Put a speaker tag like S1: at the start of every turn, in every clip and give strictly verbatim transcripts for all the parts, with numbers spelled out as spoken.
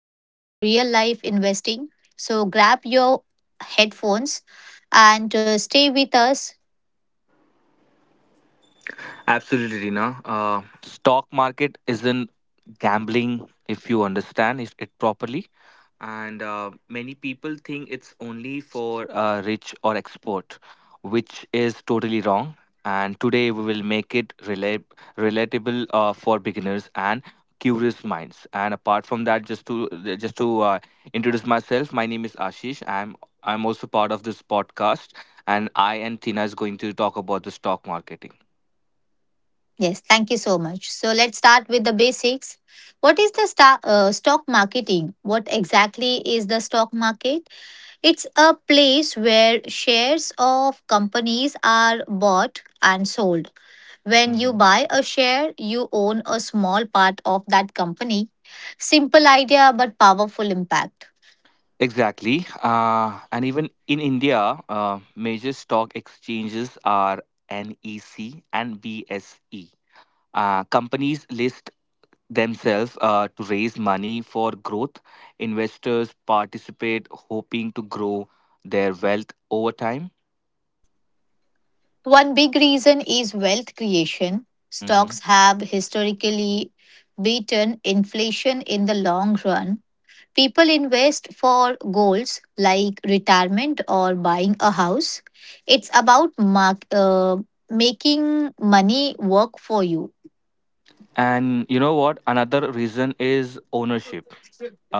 S1: and talk real life investing. So grab your headphones and uh, stay with us.
S2: Absolutely, no. Uh, stock market isn't gambling if you understand it, it properly, and uh, many people think it's only for uh, rich or expert, which is totally wrong. And today we will make it rela- relatable uh, for beginners and curious minds. And apart from that, just to just to uh, introduce myself, my name is Ashish. I'm I'm also part of this podcast, and I and Tina is going to talk about the stock marketing.
S1: Yes, thank you so much. So let's start with the basics. What is the sta- uh, stock marketing? What exactly is the stock market? It's a place where shares of companies are bought and sold. When you
S2: Mm-hmm.
S1: buy a share, you own a small part of that company. Simple idea but powerful impact.
S2: Exactly. Uh, and even in India, uh, major stock exchanges are N E C and B S E. Uh, companies list themselves uh, to raise money for growth. Investors participate, hoping to grow their wealth over time.
S1: One big reason is wealth creation.
S2: Mhm.
S1: Stocks have historically beaten inflation in the long run. People invest for goals like retirement or buying a house. It's about mark, uh, making money work for you.
S2: And you know what? Another reason is ownership.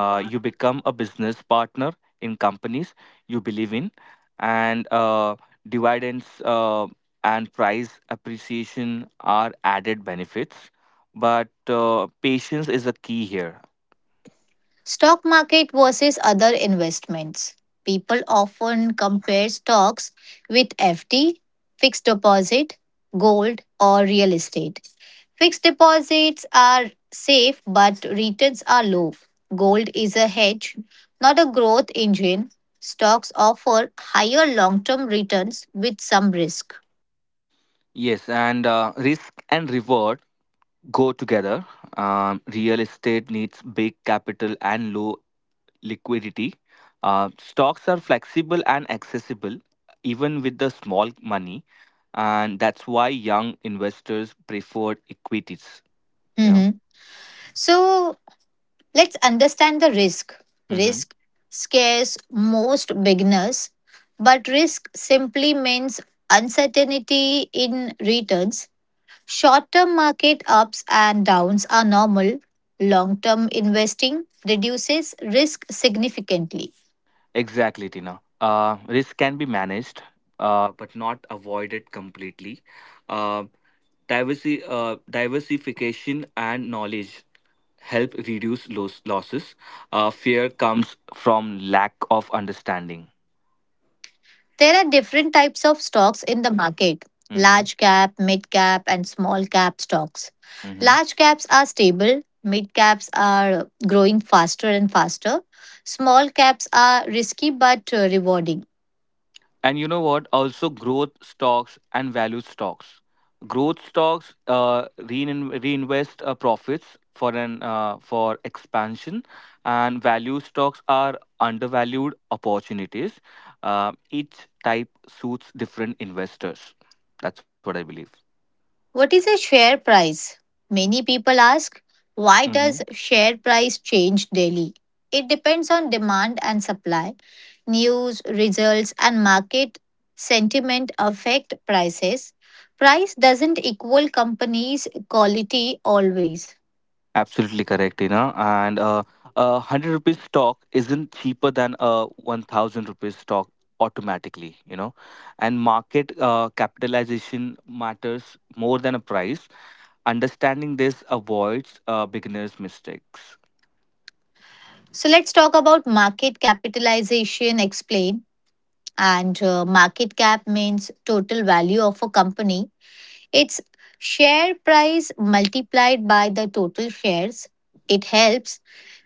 S2: uh, you become a business partner in companies you believe in, and uh, dividends uh, and price appreciation are added benefits, but uh, patience is a key here.
S1: Stock market versus other investments. People often compare stocks with F D, fixed deposit, gold, or real estate. Fixed deposits are safe, but returns are low. Gold is a hedge, not a growth engine. Stocks offer higher long term returns with some risk.
S2: Yes, and uh, risk and reward go together. Um, real estate needs big capital and low liquidity. Uh, stocks are flexible and accessible, even with the small money, and that's why young investors prefer equities. You know,
S1: Mhm. So let's understand the risk.
S2: hmm
S1: Risk scares most beginners, but risk simply means uncertainty in returns. Short term market ups and downs are normal. Long term investing reduces risk significantly.
S2: exactly, Tina. Uh, risk can be managed, uh, but not avoided completely. Uh, diversity, uh, Diversification, and knowledge help reduce los- losses. Uh, fear comes from lack of understanding.
S1: There are different types of stocks in the market:
S2: Mm-hmm.
S1: large cap, mid cap, and small cap stocks.
S2: Mm-hmm.
S1: Large caps are stable, mid caps are growing faster and faster, small caps are risky but uh, rewarding.
S2: And you know what? Also, growth stocks and value stocks. Growth stocks uh, rein- reinvest uh, profits for an uh, for expansion, and value stocks are undervalued opportunities. Uh, each type suits different investors. That's what I believe.
S1: What is a share price? Many people ask, why
S2: Mm-hmm.
S1: does share price change daily? It depends on demand and supply. News, results and market sentiment affect prices. Price doesn't equal company's quality always.
S2: Absolutely correct, Tina. And uh, a hundred rupees stock isn't cheaper than a one thousand rupees stock automatically, you know. And market uh, capitalization matters more than a price. Understanding this avoids uh, beginners' mistakes.
S1: So let's talk about market capitalization explain, and uh, market cap means total value of a company. It's share price multiplied by the total shares. It helps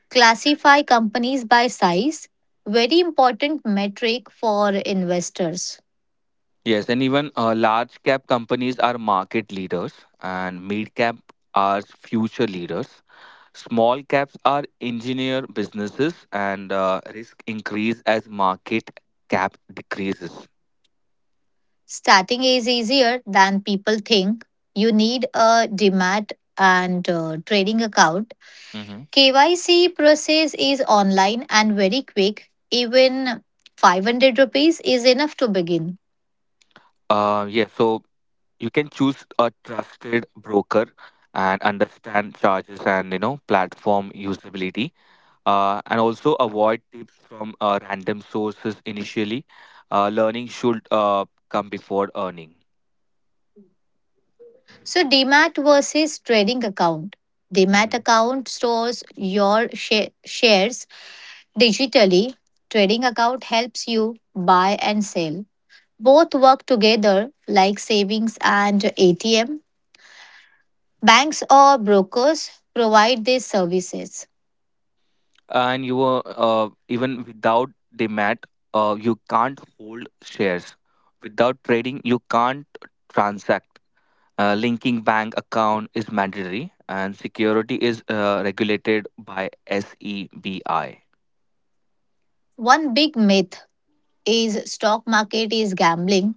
S1: classify companies by size, very important metric for investors.
S2: Yes, and even uh, large cap companies are market leaders, and mid cap are future leaders. Small caps are engineer businesses, and uh, risk increase as market cap decreases.
S1: Starting is easier than people think. You need a demat and uh, trading account.
S2: Mm-hmm.
S1: K Y C process is online and very quick. Even five hundred rupees is enough to begin.
S2: Uh, yeah, so you can choose a trusted broker and understand charges, and you know platform usability, uh, and also avoid tips from uh, random sources initially. Uh, learning should uh, come before earning.
S1: So demat versus trading account. Demat account stores your sha- shares digitally. Trading account helps you buy and sell. Both work together like savings and A T M. Banks or brokers provide these services.
S2: And you were uh, even without the mat, uh, you can't hold shares. Without trading you can't transact. Uh, linking bank account is mandatory, and security is uh, regulated by SEBI.
S1: One big myth is stock market is gambling.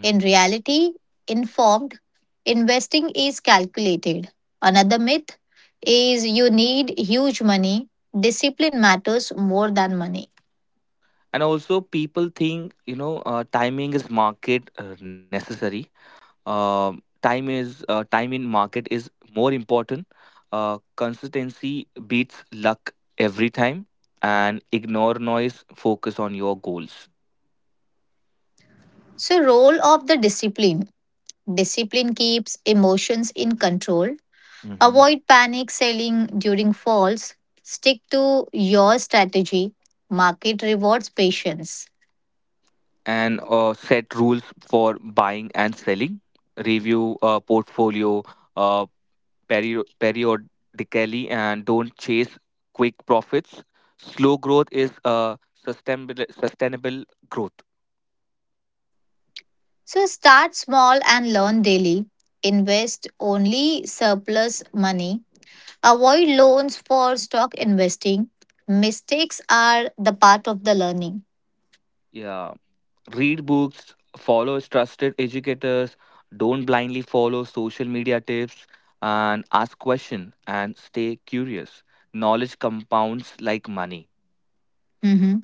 S1: In reality, informed investing is calculated. Another myth is you need huge money. Discipline matters more than money.
S2: And also people think you know uh, timing is market uh, necessary. uh, time is uh, Time in market is more important. Uh, consistency beats luck every time, and ignore noise, focus on your goals.
S1: So role of the discipline. Discipline keeps emotions in control.
S2: hmm
S1: Avoid panic selling during falls. Stick to your strategy. Market rewards patience.
S2: and uh, set rules for buying and selling. Review uh, portfolio uh, peri- periodically, and don't chase quick profits. Slow growth is uh, sustainable sustainable growth.
S1: So start small and learn daily. Invest only surplus money. Avoid loans for stock investing. Mistakes are the part of the learning.
S2: Yeah, read books, follow trusted educators, don't blindly follow social media tips, and ask questions and stay curious. Knowledge compounds like money.
S1: Mhm.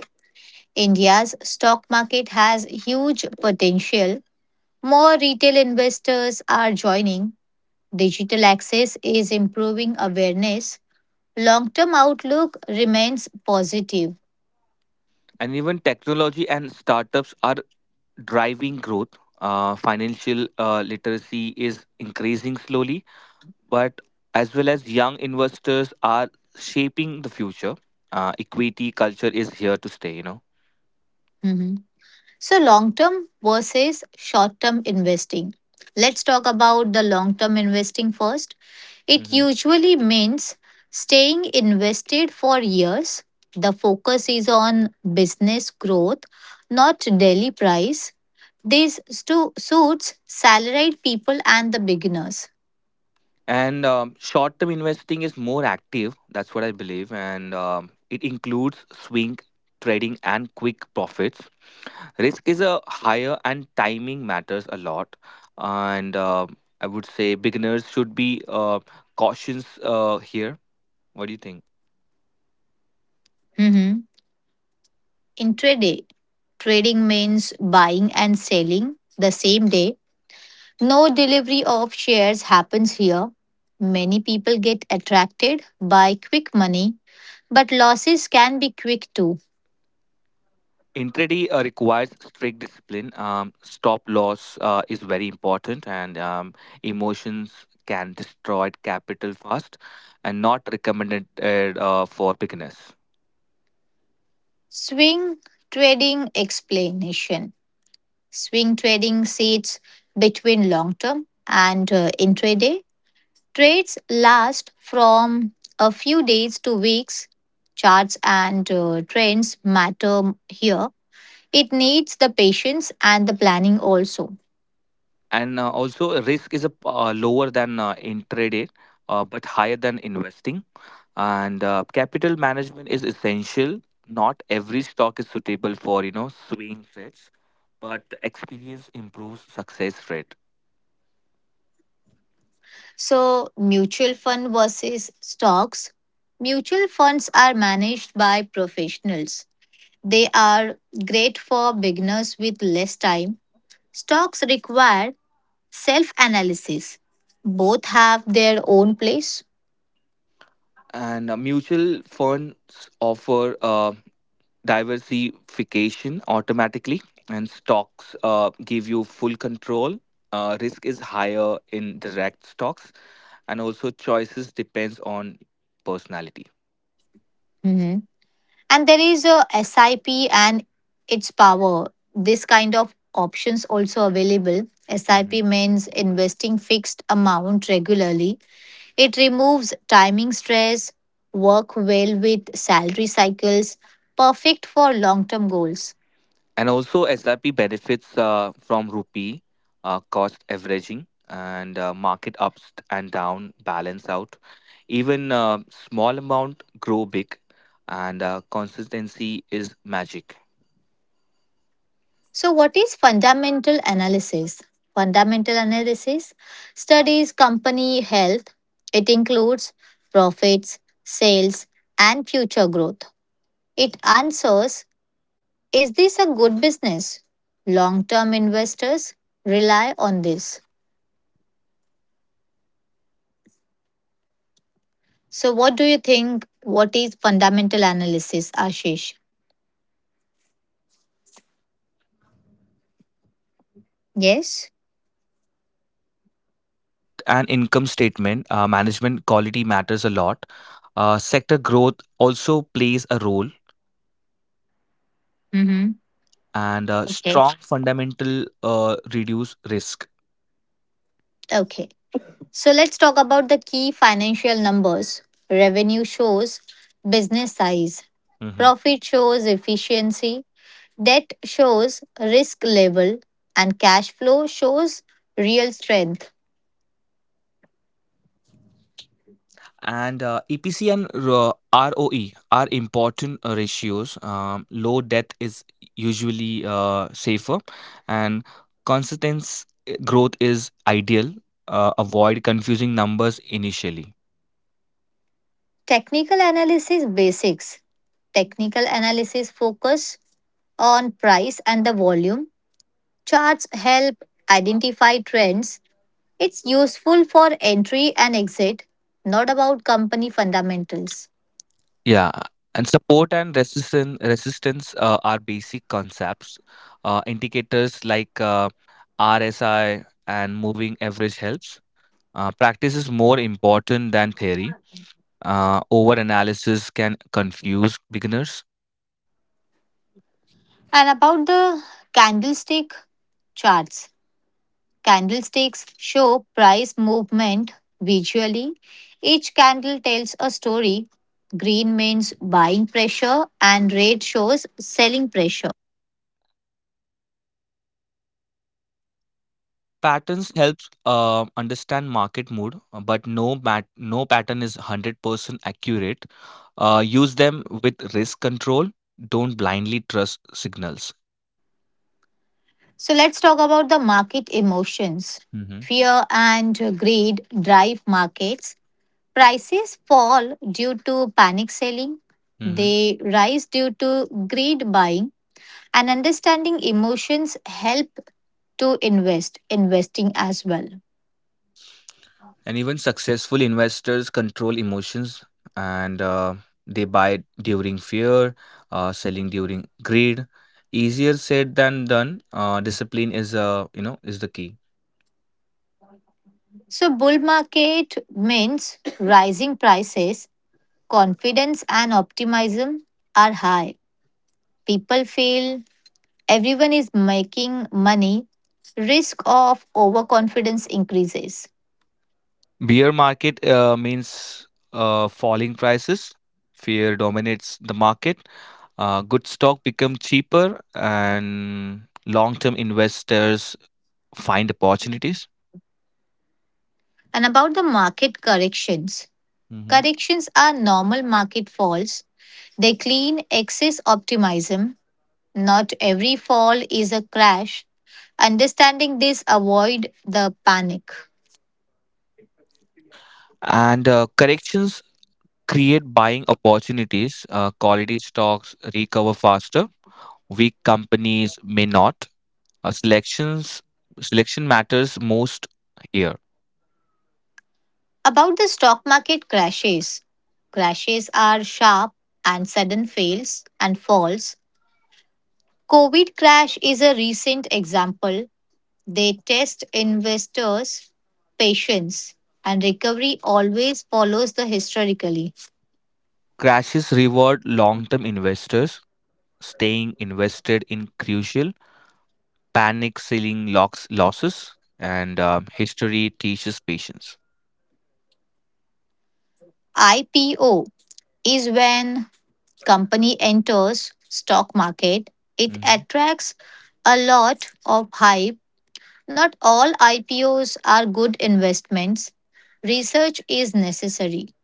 S1: India's stock market has huge potential. More retail investors are joining. Digital access is improving awareness. Long term outlook remains positive.
S2: And even technology and startups are driving growth. Uh, financial uh, literacy is increasing slowly, but as well as young investors are shaping the future. Uh, equity culture is here to stay, you know.
S1: Mhm. So, long term versus short term investing. Let's talk about the long term investing first. It
S2: hmm
S1: usually means staying invested for years. The focus is on business growth, not daily price. This stu- suits salaried people and the beginners.
S2: And um, short term investing is more active. That's what I believe. And um, it includes swing trading and quick profits. Risk is a higher, and timing matters a lot. And um I would say beginners should be uh, cautious uh, here. What do you think?
S1: Mhm. Intraday trading means buying and selling the same day. No delivery of shares happens here. Many people get attracted by quick money, but losses can be quick too.
S2: Intraday uh, requires strict discipline. Um, stop loss uh, is very important, and um, emotions can destroy capital fast, and not recommended uh, uh, for beginners.
S1: Swing trading explanation. Swing trading sits between long term and uh, intraday. Trades last from a few days to weeks. Charts and uh, trends matter here. It needs the patience and the planning also.
S2: And uh, also, risk is a, p- uh, lower than uh, intraday, uh, but higher than investing. And uh, capital management is essential. Not every stock is suitable for you know swing trades, but experience improves success rate.
S1: So, mutual fund versus stocks. Mutual funds are managed by professionals. They are great for beginners with less time. Stocks require self analysis. Both have their own place.
S2: And uh, mutual funds offer uh, diversification automatically, and stocks uh, give you full control. Uh, risk is higher in direct stocks, and also choices depends on personality.
S1: Mhm. And there is a SIP and its power. This kind of options also available. SIP
S2: Mhm.
S1: means investing fixed amount regularly. It removes timing stress, work well with salary cycles, perfect for long term goals.
S2: And also S I P benefits uh, from rupee uh, cost averaging, and uh, market ups and down balance out. Even uh, small amount grow big, and uh, consistency is magic.
S1: So, what is fundamental analysis? Fundamental analysis studies company health. It includes profits, sales, and future growth. It answers, is this a good business? Long term investors rely on this. So, what do you think? What is fundamental analysis, Ashish? Yes.
S2: And income statement, uh, management quality matters a lot. Uh, sector growth also plays a role,
S1: Mm-hmm.
S2: and uh,
S1: Okay.
S2: strong fundamental uh, reduce risk.
S1: Okay. So let's talk about the key financial numbers. Revenue shows business size,
S2: Mhm.
S1: profit shows efficiency, debt shows risk level, and cash flow shows real strength.
S2: And uh, E P C and uh, R O E are important uh, ratios. Um, low debt is usually uh, safer, and consistent growth is ideal. Uh, avoid confusing numbers initially.
S1: Technical analysis basics. Technical analysis focus on price and the volume. Charts help identify trends. It's useful for entry and exit, not about company fundamentals.
S2: Yeah, and support and resistance resistance uh, are basic concepts. Uh, indicators like uh, R S I and moving average helps. Uh, practice is more important than theory. Uh, Over analysis can confuse beginners.
S1: And about the candlestick charts, candlesticks show price movement visually. Each candle tells a story. Green means buying pressure, and red shows selling pressure.
S2: Patterns helps uh, understand market mood, uh, but no mat- no pattern is one hundred percent accurate. Uh, use them with risk control. Don't blindly trust signals.
S1: So let's talk about the market emotions.
S2: hmm
S1: Fear and greed drive markets. Prices fall due to panic selling, they rise due to greed buying. And understanding emotions help to invest, investing as well.
S2: And even successful investors control emotions, and uh, they buy during fear, uh, selling during greed. Easier said than done. Uh, discipline is uh, you know is the key.
S1: So, bull market means rising prices, confidence, and optimism are high. People feel everyone is making money, risk of overconfidence increases.
S2: Bear market uh, means uh, falling prices. Fear dominates the market. Uh, good stock become cheaper, and long-term investors find opportunities.
S1: And about the market corrections,
S2: Mhm.
S1: corrections are normal market falls. They clean excess optimism. Not every fall is a crash. Understanding this, avoid the panic.
S2: And uh, corrections create buying opportunities. Uh, quality stocks recover faster. Weak companies may not. Uh, selections Selection matters most here.
S1: About the stock market crashes. Crashes are sharp and sudden fails and falls. COVID crash is a recent example. They test investors' patience and recovery always follows the historically.
S2: Crashes reward long-term investors. Staying invested in crucial. Panic selling locks losses, and um, history teaches patience.
S1: I P O is when company enters stock market. It
S2: Mhm.
S1: attracts a lot of hype. Not all I P Os are good investments. Research is necessary.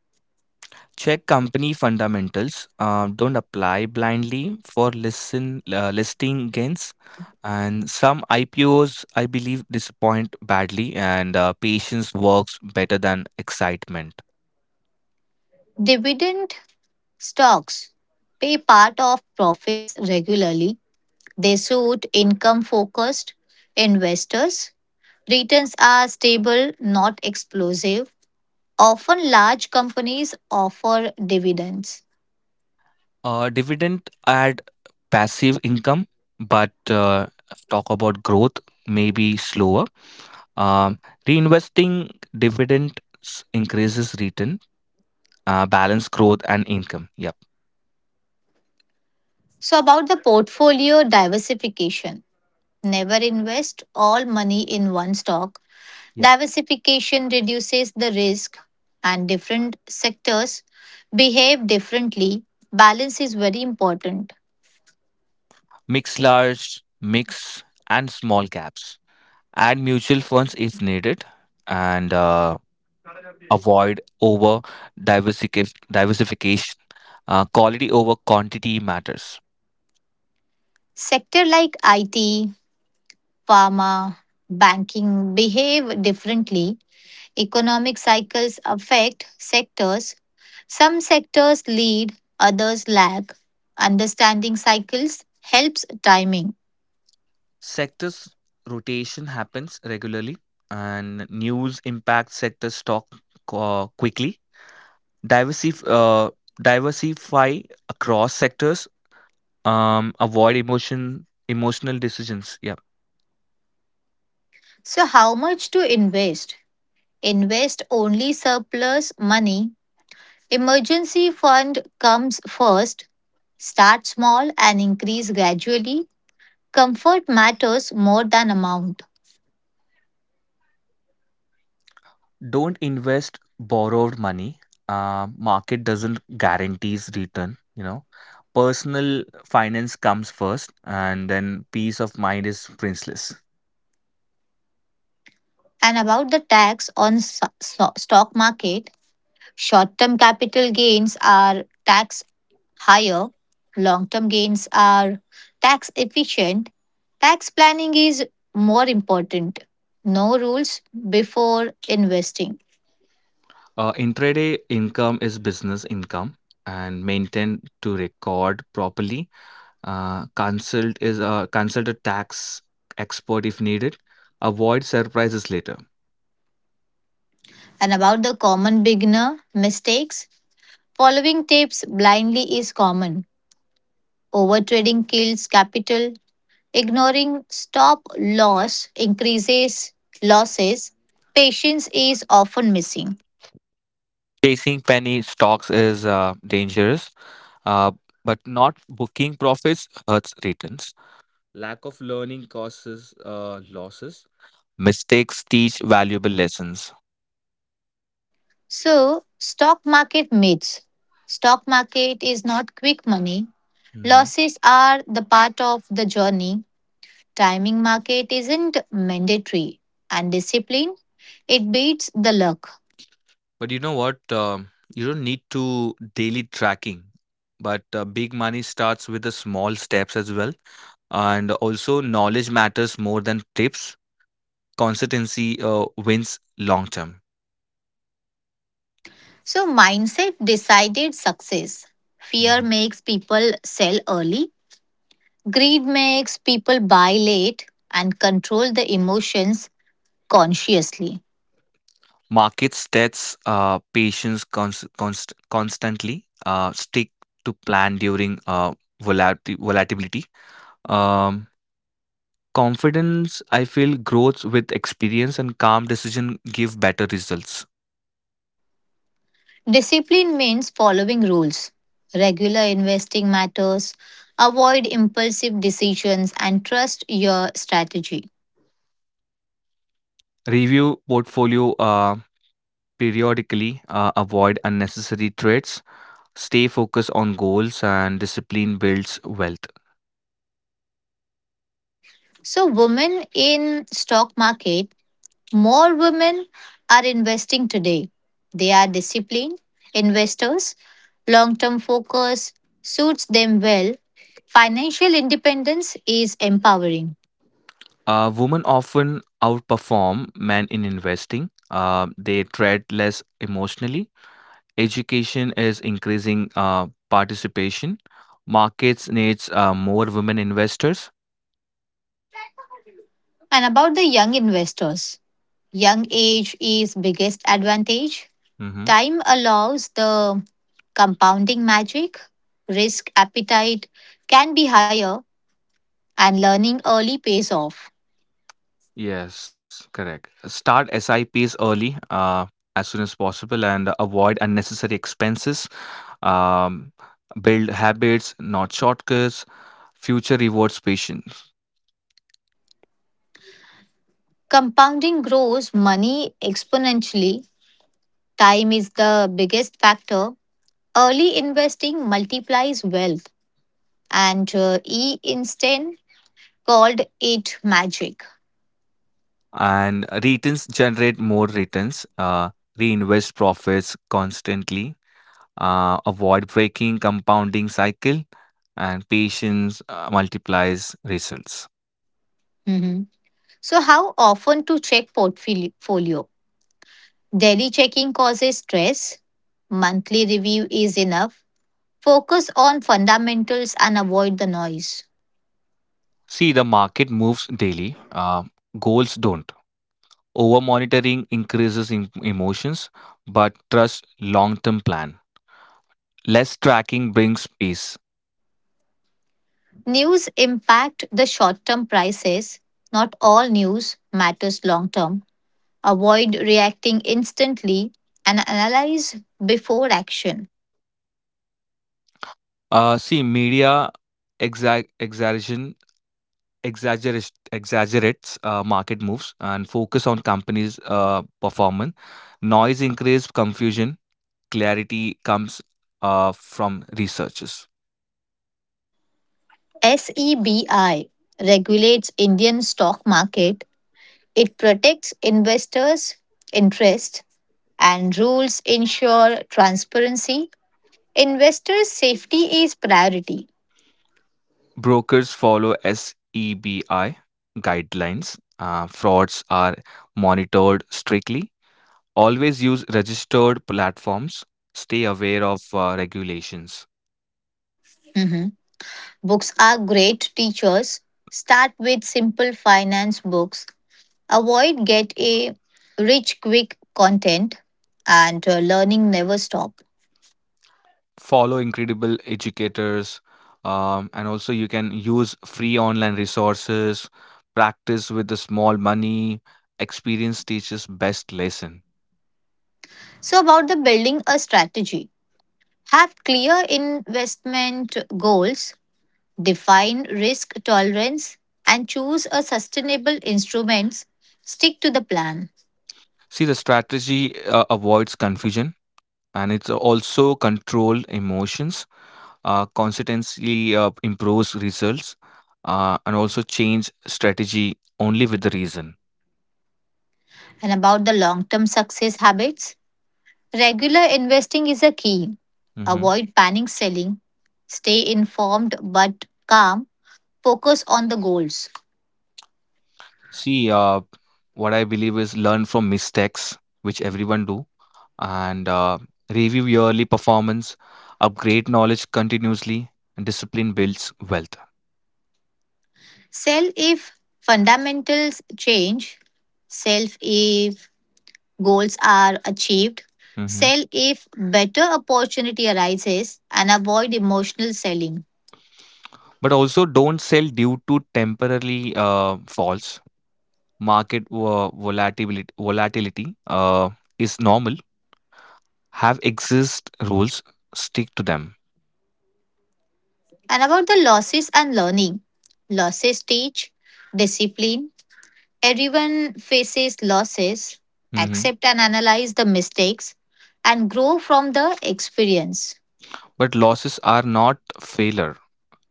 S2: Check company fundamentals. Uh, don't apply blindly for listen uh, listing gains. And some I P Os, I believe, disappoint badly, and uh, patience works better than excitement.
S1: Dividend stocks pay part of profits regularly. They suit income focused investors. Returns are stable, not explosive. Often large companies offer dividends.
S2: Uh, dividend add passive income, but uh, talk about growth may be slower. Um, Reinvesting dividends increases return, uh, balance growth and income. Yeah.
S1: So, about the portfolio diversification, never invest all money in one stock. Diversification reduces the risk, and different sectors behave differently. Balance is very important.
S2: Mix large, mix, and small caps. Add mutual funds if needed, and uh, avoid over diversific- diversification. Uh, quality over quantity matters.
S1: Sector like I T, pharma, banking behave differently. Economic cycles affect sectors. Some sectors lead, others lag. Understanding cycles helps timing.
S2: Sectors rotation happens regularly, and news impacts sector stock uh, quickly. Diversif- uh, Diversify across sectors. Um, avoid emotion emotional decisions. Yeah.
S1: So, how much to invest? Invest only surplus money. Emergency fund comes first. Start small and increase gradually. Comfort matters more than amount.
S2: Don't invest borrowed money. Uh, market doesn't guarantees return you know Personal finance comes first, and then peace of mind is priceless.
S1: And about the tax on so- so- stock market, short-term capital gains are tax higher, long-term gains are tax efficient. Tax planning is more important. No rules before investing.
S2: Uh, intraday income is business income, and maintain to record properly. Uh, consult is uh, consult a tax expert if needed. Avoid surprises later.
S1: And about the common beginner mistakes, following tips blindly is common. Overtrading kills capital. Ignoring stop loss increases losses. Patience is often missing.
S2: Chasing penny stocks is uh, dangerous, uh, but not booking profits hurts returns. Lack of learning causes uh, losses. Mistakes teach valuable lessons.
S1: So, stock market myths. Stock market is not quick money.
S2: hmm
S1: Losses are the part of the journey. Timing market isn't mandatory. And discipline, it beats the luck.
S2: But you know what? Um, you don't need to daily tracking. But uh, big money starts with the small steps as well. And also, knowledge matters more than tips. Consistency uh, wins long term.
S1: So, mindset decided success. Fear
S2: hmm
S1: makes people sell early. Greed makes people buy late and control the emotions consciously.
S2: Markets test uh, patients cons- const- constantly. Uh, stick to plan during uh, volati- volatility. Um, Confidence, I feel, grows with experience, and calm decision give better results.
S1: Discipline means following rules. Regular investing matters. Avoid impulsive decisions and trust your strategy.
S2: Review portfolio uh, periodically, uh, avoid unnecessary threats, stay focused on goals, and discipline builds wealth.
S1: So women in stock market, more women are investing today. They are disciplined investors. Long-term focus suits them well. Financial independence is empowering.
S2: Uh, women often outperform men in investing. Uh, they tread less emotionally. Education is increasing uh, participation. Markets needs uh, more women investors.
S1: And about the young investors, young age is biggest advantage.
S2: Mhm.
S1: Time allows the compounding magic, risk appetite can be higher and learning early pays off.
S2: Yes, correct. Start S I Ps early, uh, as soon as possible, and avoid unnecessary expenses. Um, Build habits, not shortcuts. Future rewards patience,
S1: Compounding grows money exponentially. Time is the biggest factor. Early investing multiplies wealth and uh, E Einstein called it magic.
S2: and returns generate more returns. Uh, reinvest profits constantly. Uh, avoid breaking compounding cycle, and patience uh, multiplies results.
S1: Mhm. So how often to check portfolio? Daily checking causes stress. Monthly review is enough. Focus on fundamentals and avoid the noise.
S2: See, the market moves daily. Uh, goals don't. Over monitoring increases em- emotions, but trust long term plan. Less tracking brings peace.
S1: News impact the short term prices. Not all news matters long term. Avoid reacting instantly and analyze before action.
S2: Uh, see, media exa- exaggeration exaggeris- exaggerates uh, market moves, and focus on companies' uh, performance. Noise increases confusion. Clarity comes uh, from researchers.
S1: SEBI regulates Indian stock market. It protects investors' interest and rules ensure transparency. Investors' safety is priority.
S2: Brokers follow SEBI guidelines. Uh, frauds are monitored strictly. Always use registered platforms. Stay aware of uh, regulations.
S1: Hmm. Books are great teachers. Start with simple finance books. Avoid get a rich quick content and uh, learning never stop.
S2: Follow incredible educators. Um, and also, you can use free online resources. Practice with the small money. Experience teaches best lesson.
S1: So about the building a strategy. Have clear investment goals, define risk tolerance and choose a sustainable instruments. Stick to the plan.
S2: See, the strategy uh, avoids confusion, and it's also control emotions. Uh, consistency uh, improves results, uh, and also change strategy only with the reason.
S1: And about the long term success habits, regular investing is a key.
S2: Mhm.
S1: Avoid panic selling. Stay informed but calm. Focus on the goals.
S2: See, uh, what I believe is learn from mistakes, which everyone do, and uh, review yearly performance, upgrade knowledge continuously, and discipline builds wealth.
S1: Sell if fundamentals change. Sell if goals are achieved.
S2: Mhm.
S1: Sell if better opportunity arises and avoid emotional selling.
S2: But also, don't sell due to temporarily uh, falls. Market uh, volatility volatility uh, is normal. Have exist rules, stick to them.
S1: And about the losses and learning. Losses teach discipline. Everyone faces losses,
S2: Mhm.
S1: accept and analyze the mistakes, and grow from the experience.
S2: But losses are not failure,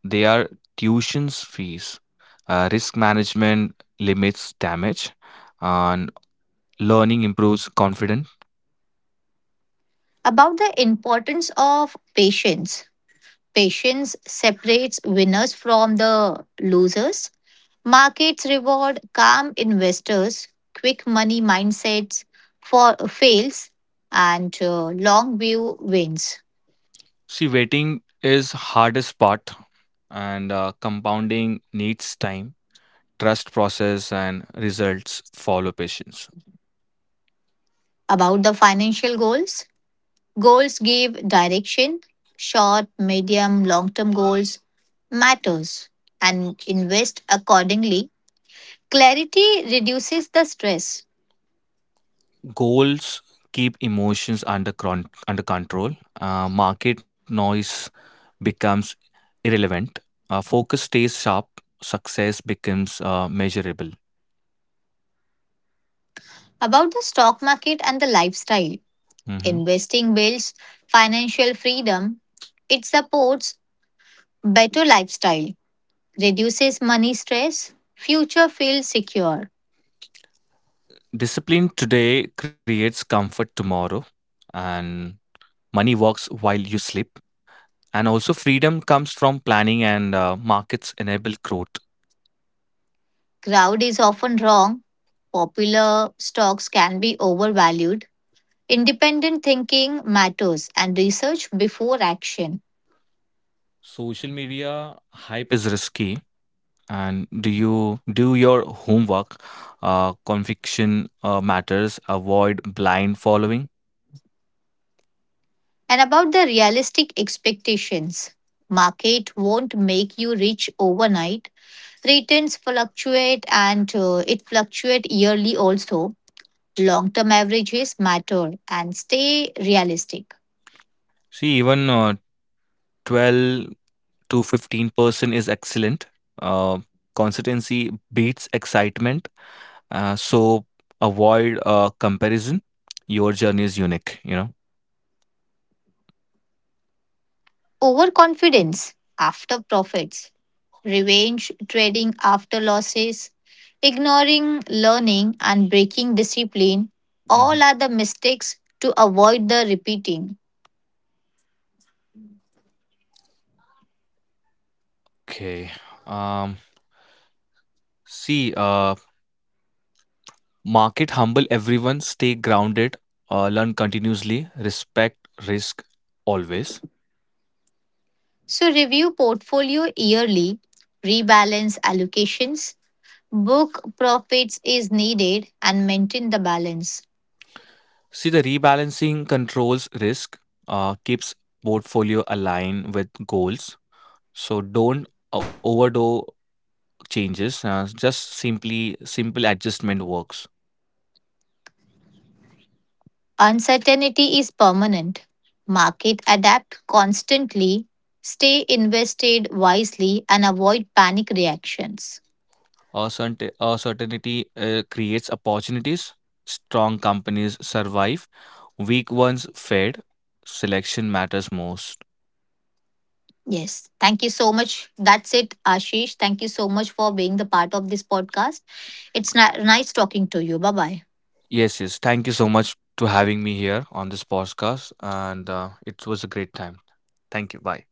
S2: their tuitions fees, uh, risk management limits damage, and learning improves confidence.
S1: About the importance of patience. Patience separates winners from the losers. Markets reward calm investors, quick money mindsets for fails, and uh, long view wins.
S2: See, waiting is hardest part, and uh, compounding needs time. Trust process, and results follow patience.
S1: About the financial goals, goals give direction, short, medium, long-term goals matters and invest accordingly. Clarity reduces the stress
S2: Goals keep emotions under cron- under control. Uh, market noise becomes irrelevant. Uh, focus stays sharp. Success becomes uh, measurable.
S1: about the stock market and the lifestyle.
S2: Mhm.
S1: Investing builds financial freedom. It supports better lifestyle, reduces money stress, future feels secure.
S2: Discipline today creates comfort tomorrow, and money works while you sleep. And also, freedom comes from planning, and uh, markets enable growth.
S1: Crowd is often wrong. Popular stocks can be overvalued. Independent thinking matters and research before action.
S2: Social media hype is risky, and do you do your homework? Uh, conviction uh, matters. Avoid blind following.
S1: And about the realistic expectations. Market won't make you rich overnight. Returns fluctuate and uh, it fluctuate yearly also. Long-term averages matter and stay realistic.
S2: See, even uh, twelve to fifteen percent is excellent. Uh, Consistency beats excitement. Uh, so avoid uh, comparison. Your journey is unique, you know.
S1: Overconfidence after profits, revenge trading after losses, ignoring learning, and breaking discipline all
S2: Mhm.
S1: are the mistakes to avoid the repeating.
S2: Okay. Um, See, uh, market humble everyone, stay grounded, uh, learn continuously, respect risk always.
S1: So, review portfolio yearly, rebalance allocations, book profits is needed, and maintain the balance.
S2: See, the rebalancing controls risk, uh, keeps portfolio aligned with goals. So don't overdo changes. Uh, just simply simple adjustment works.
S1: Uncertainty is permanent. Market adapt constantly. Stay invested wisely and avoid panic reactions.
S2: Uncertain- uh, Certainty uh, creates opportunities. Strong companies survive, weak ones fade. Selection matters most.
S1: Yes. Thank you so much. That's it, Ashish. Thank you so much for being the part of this podcast. It's ni- nice talking to you. Bye bye.
S2: Yes, yes. Thank you so much to having me here on this podcast, and uh, it was a great time. Thank you. Bye.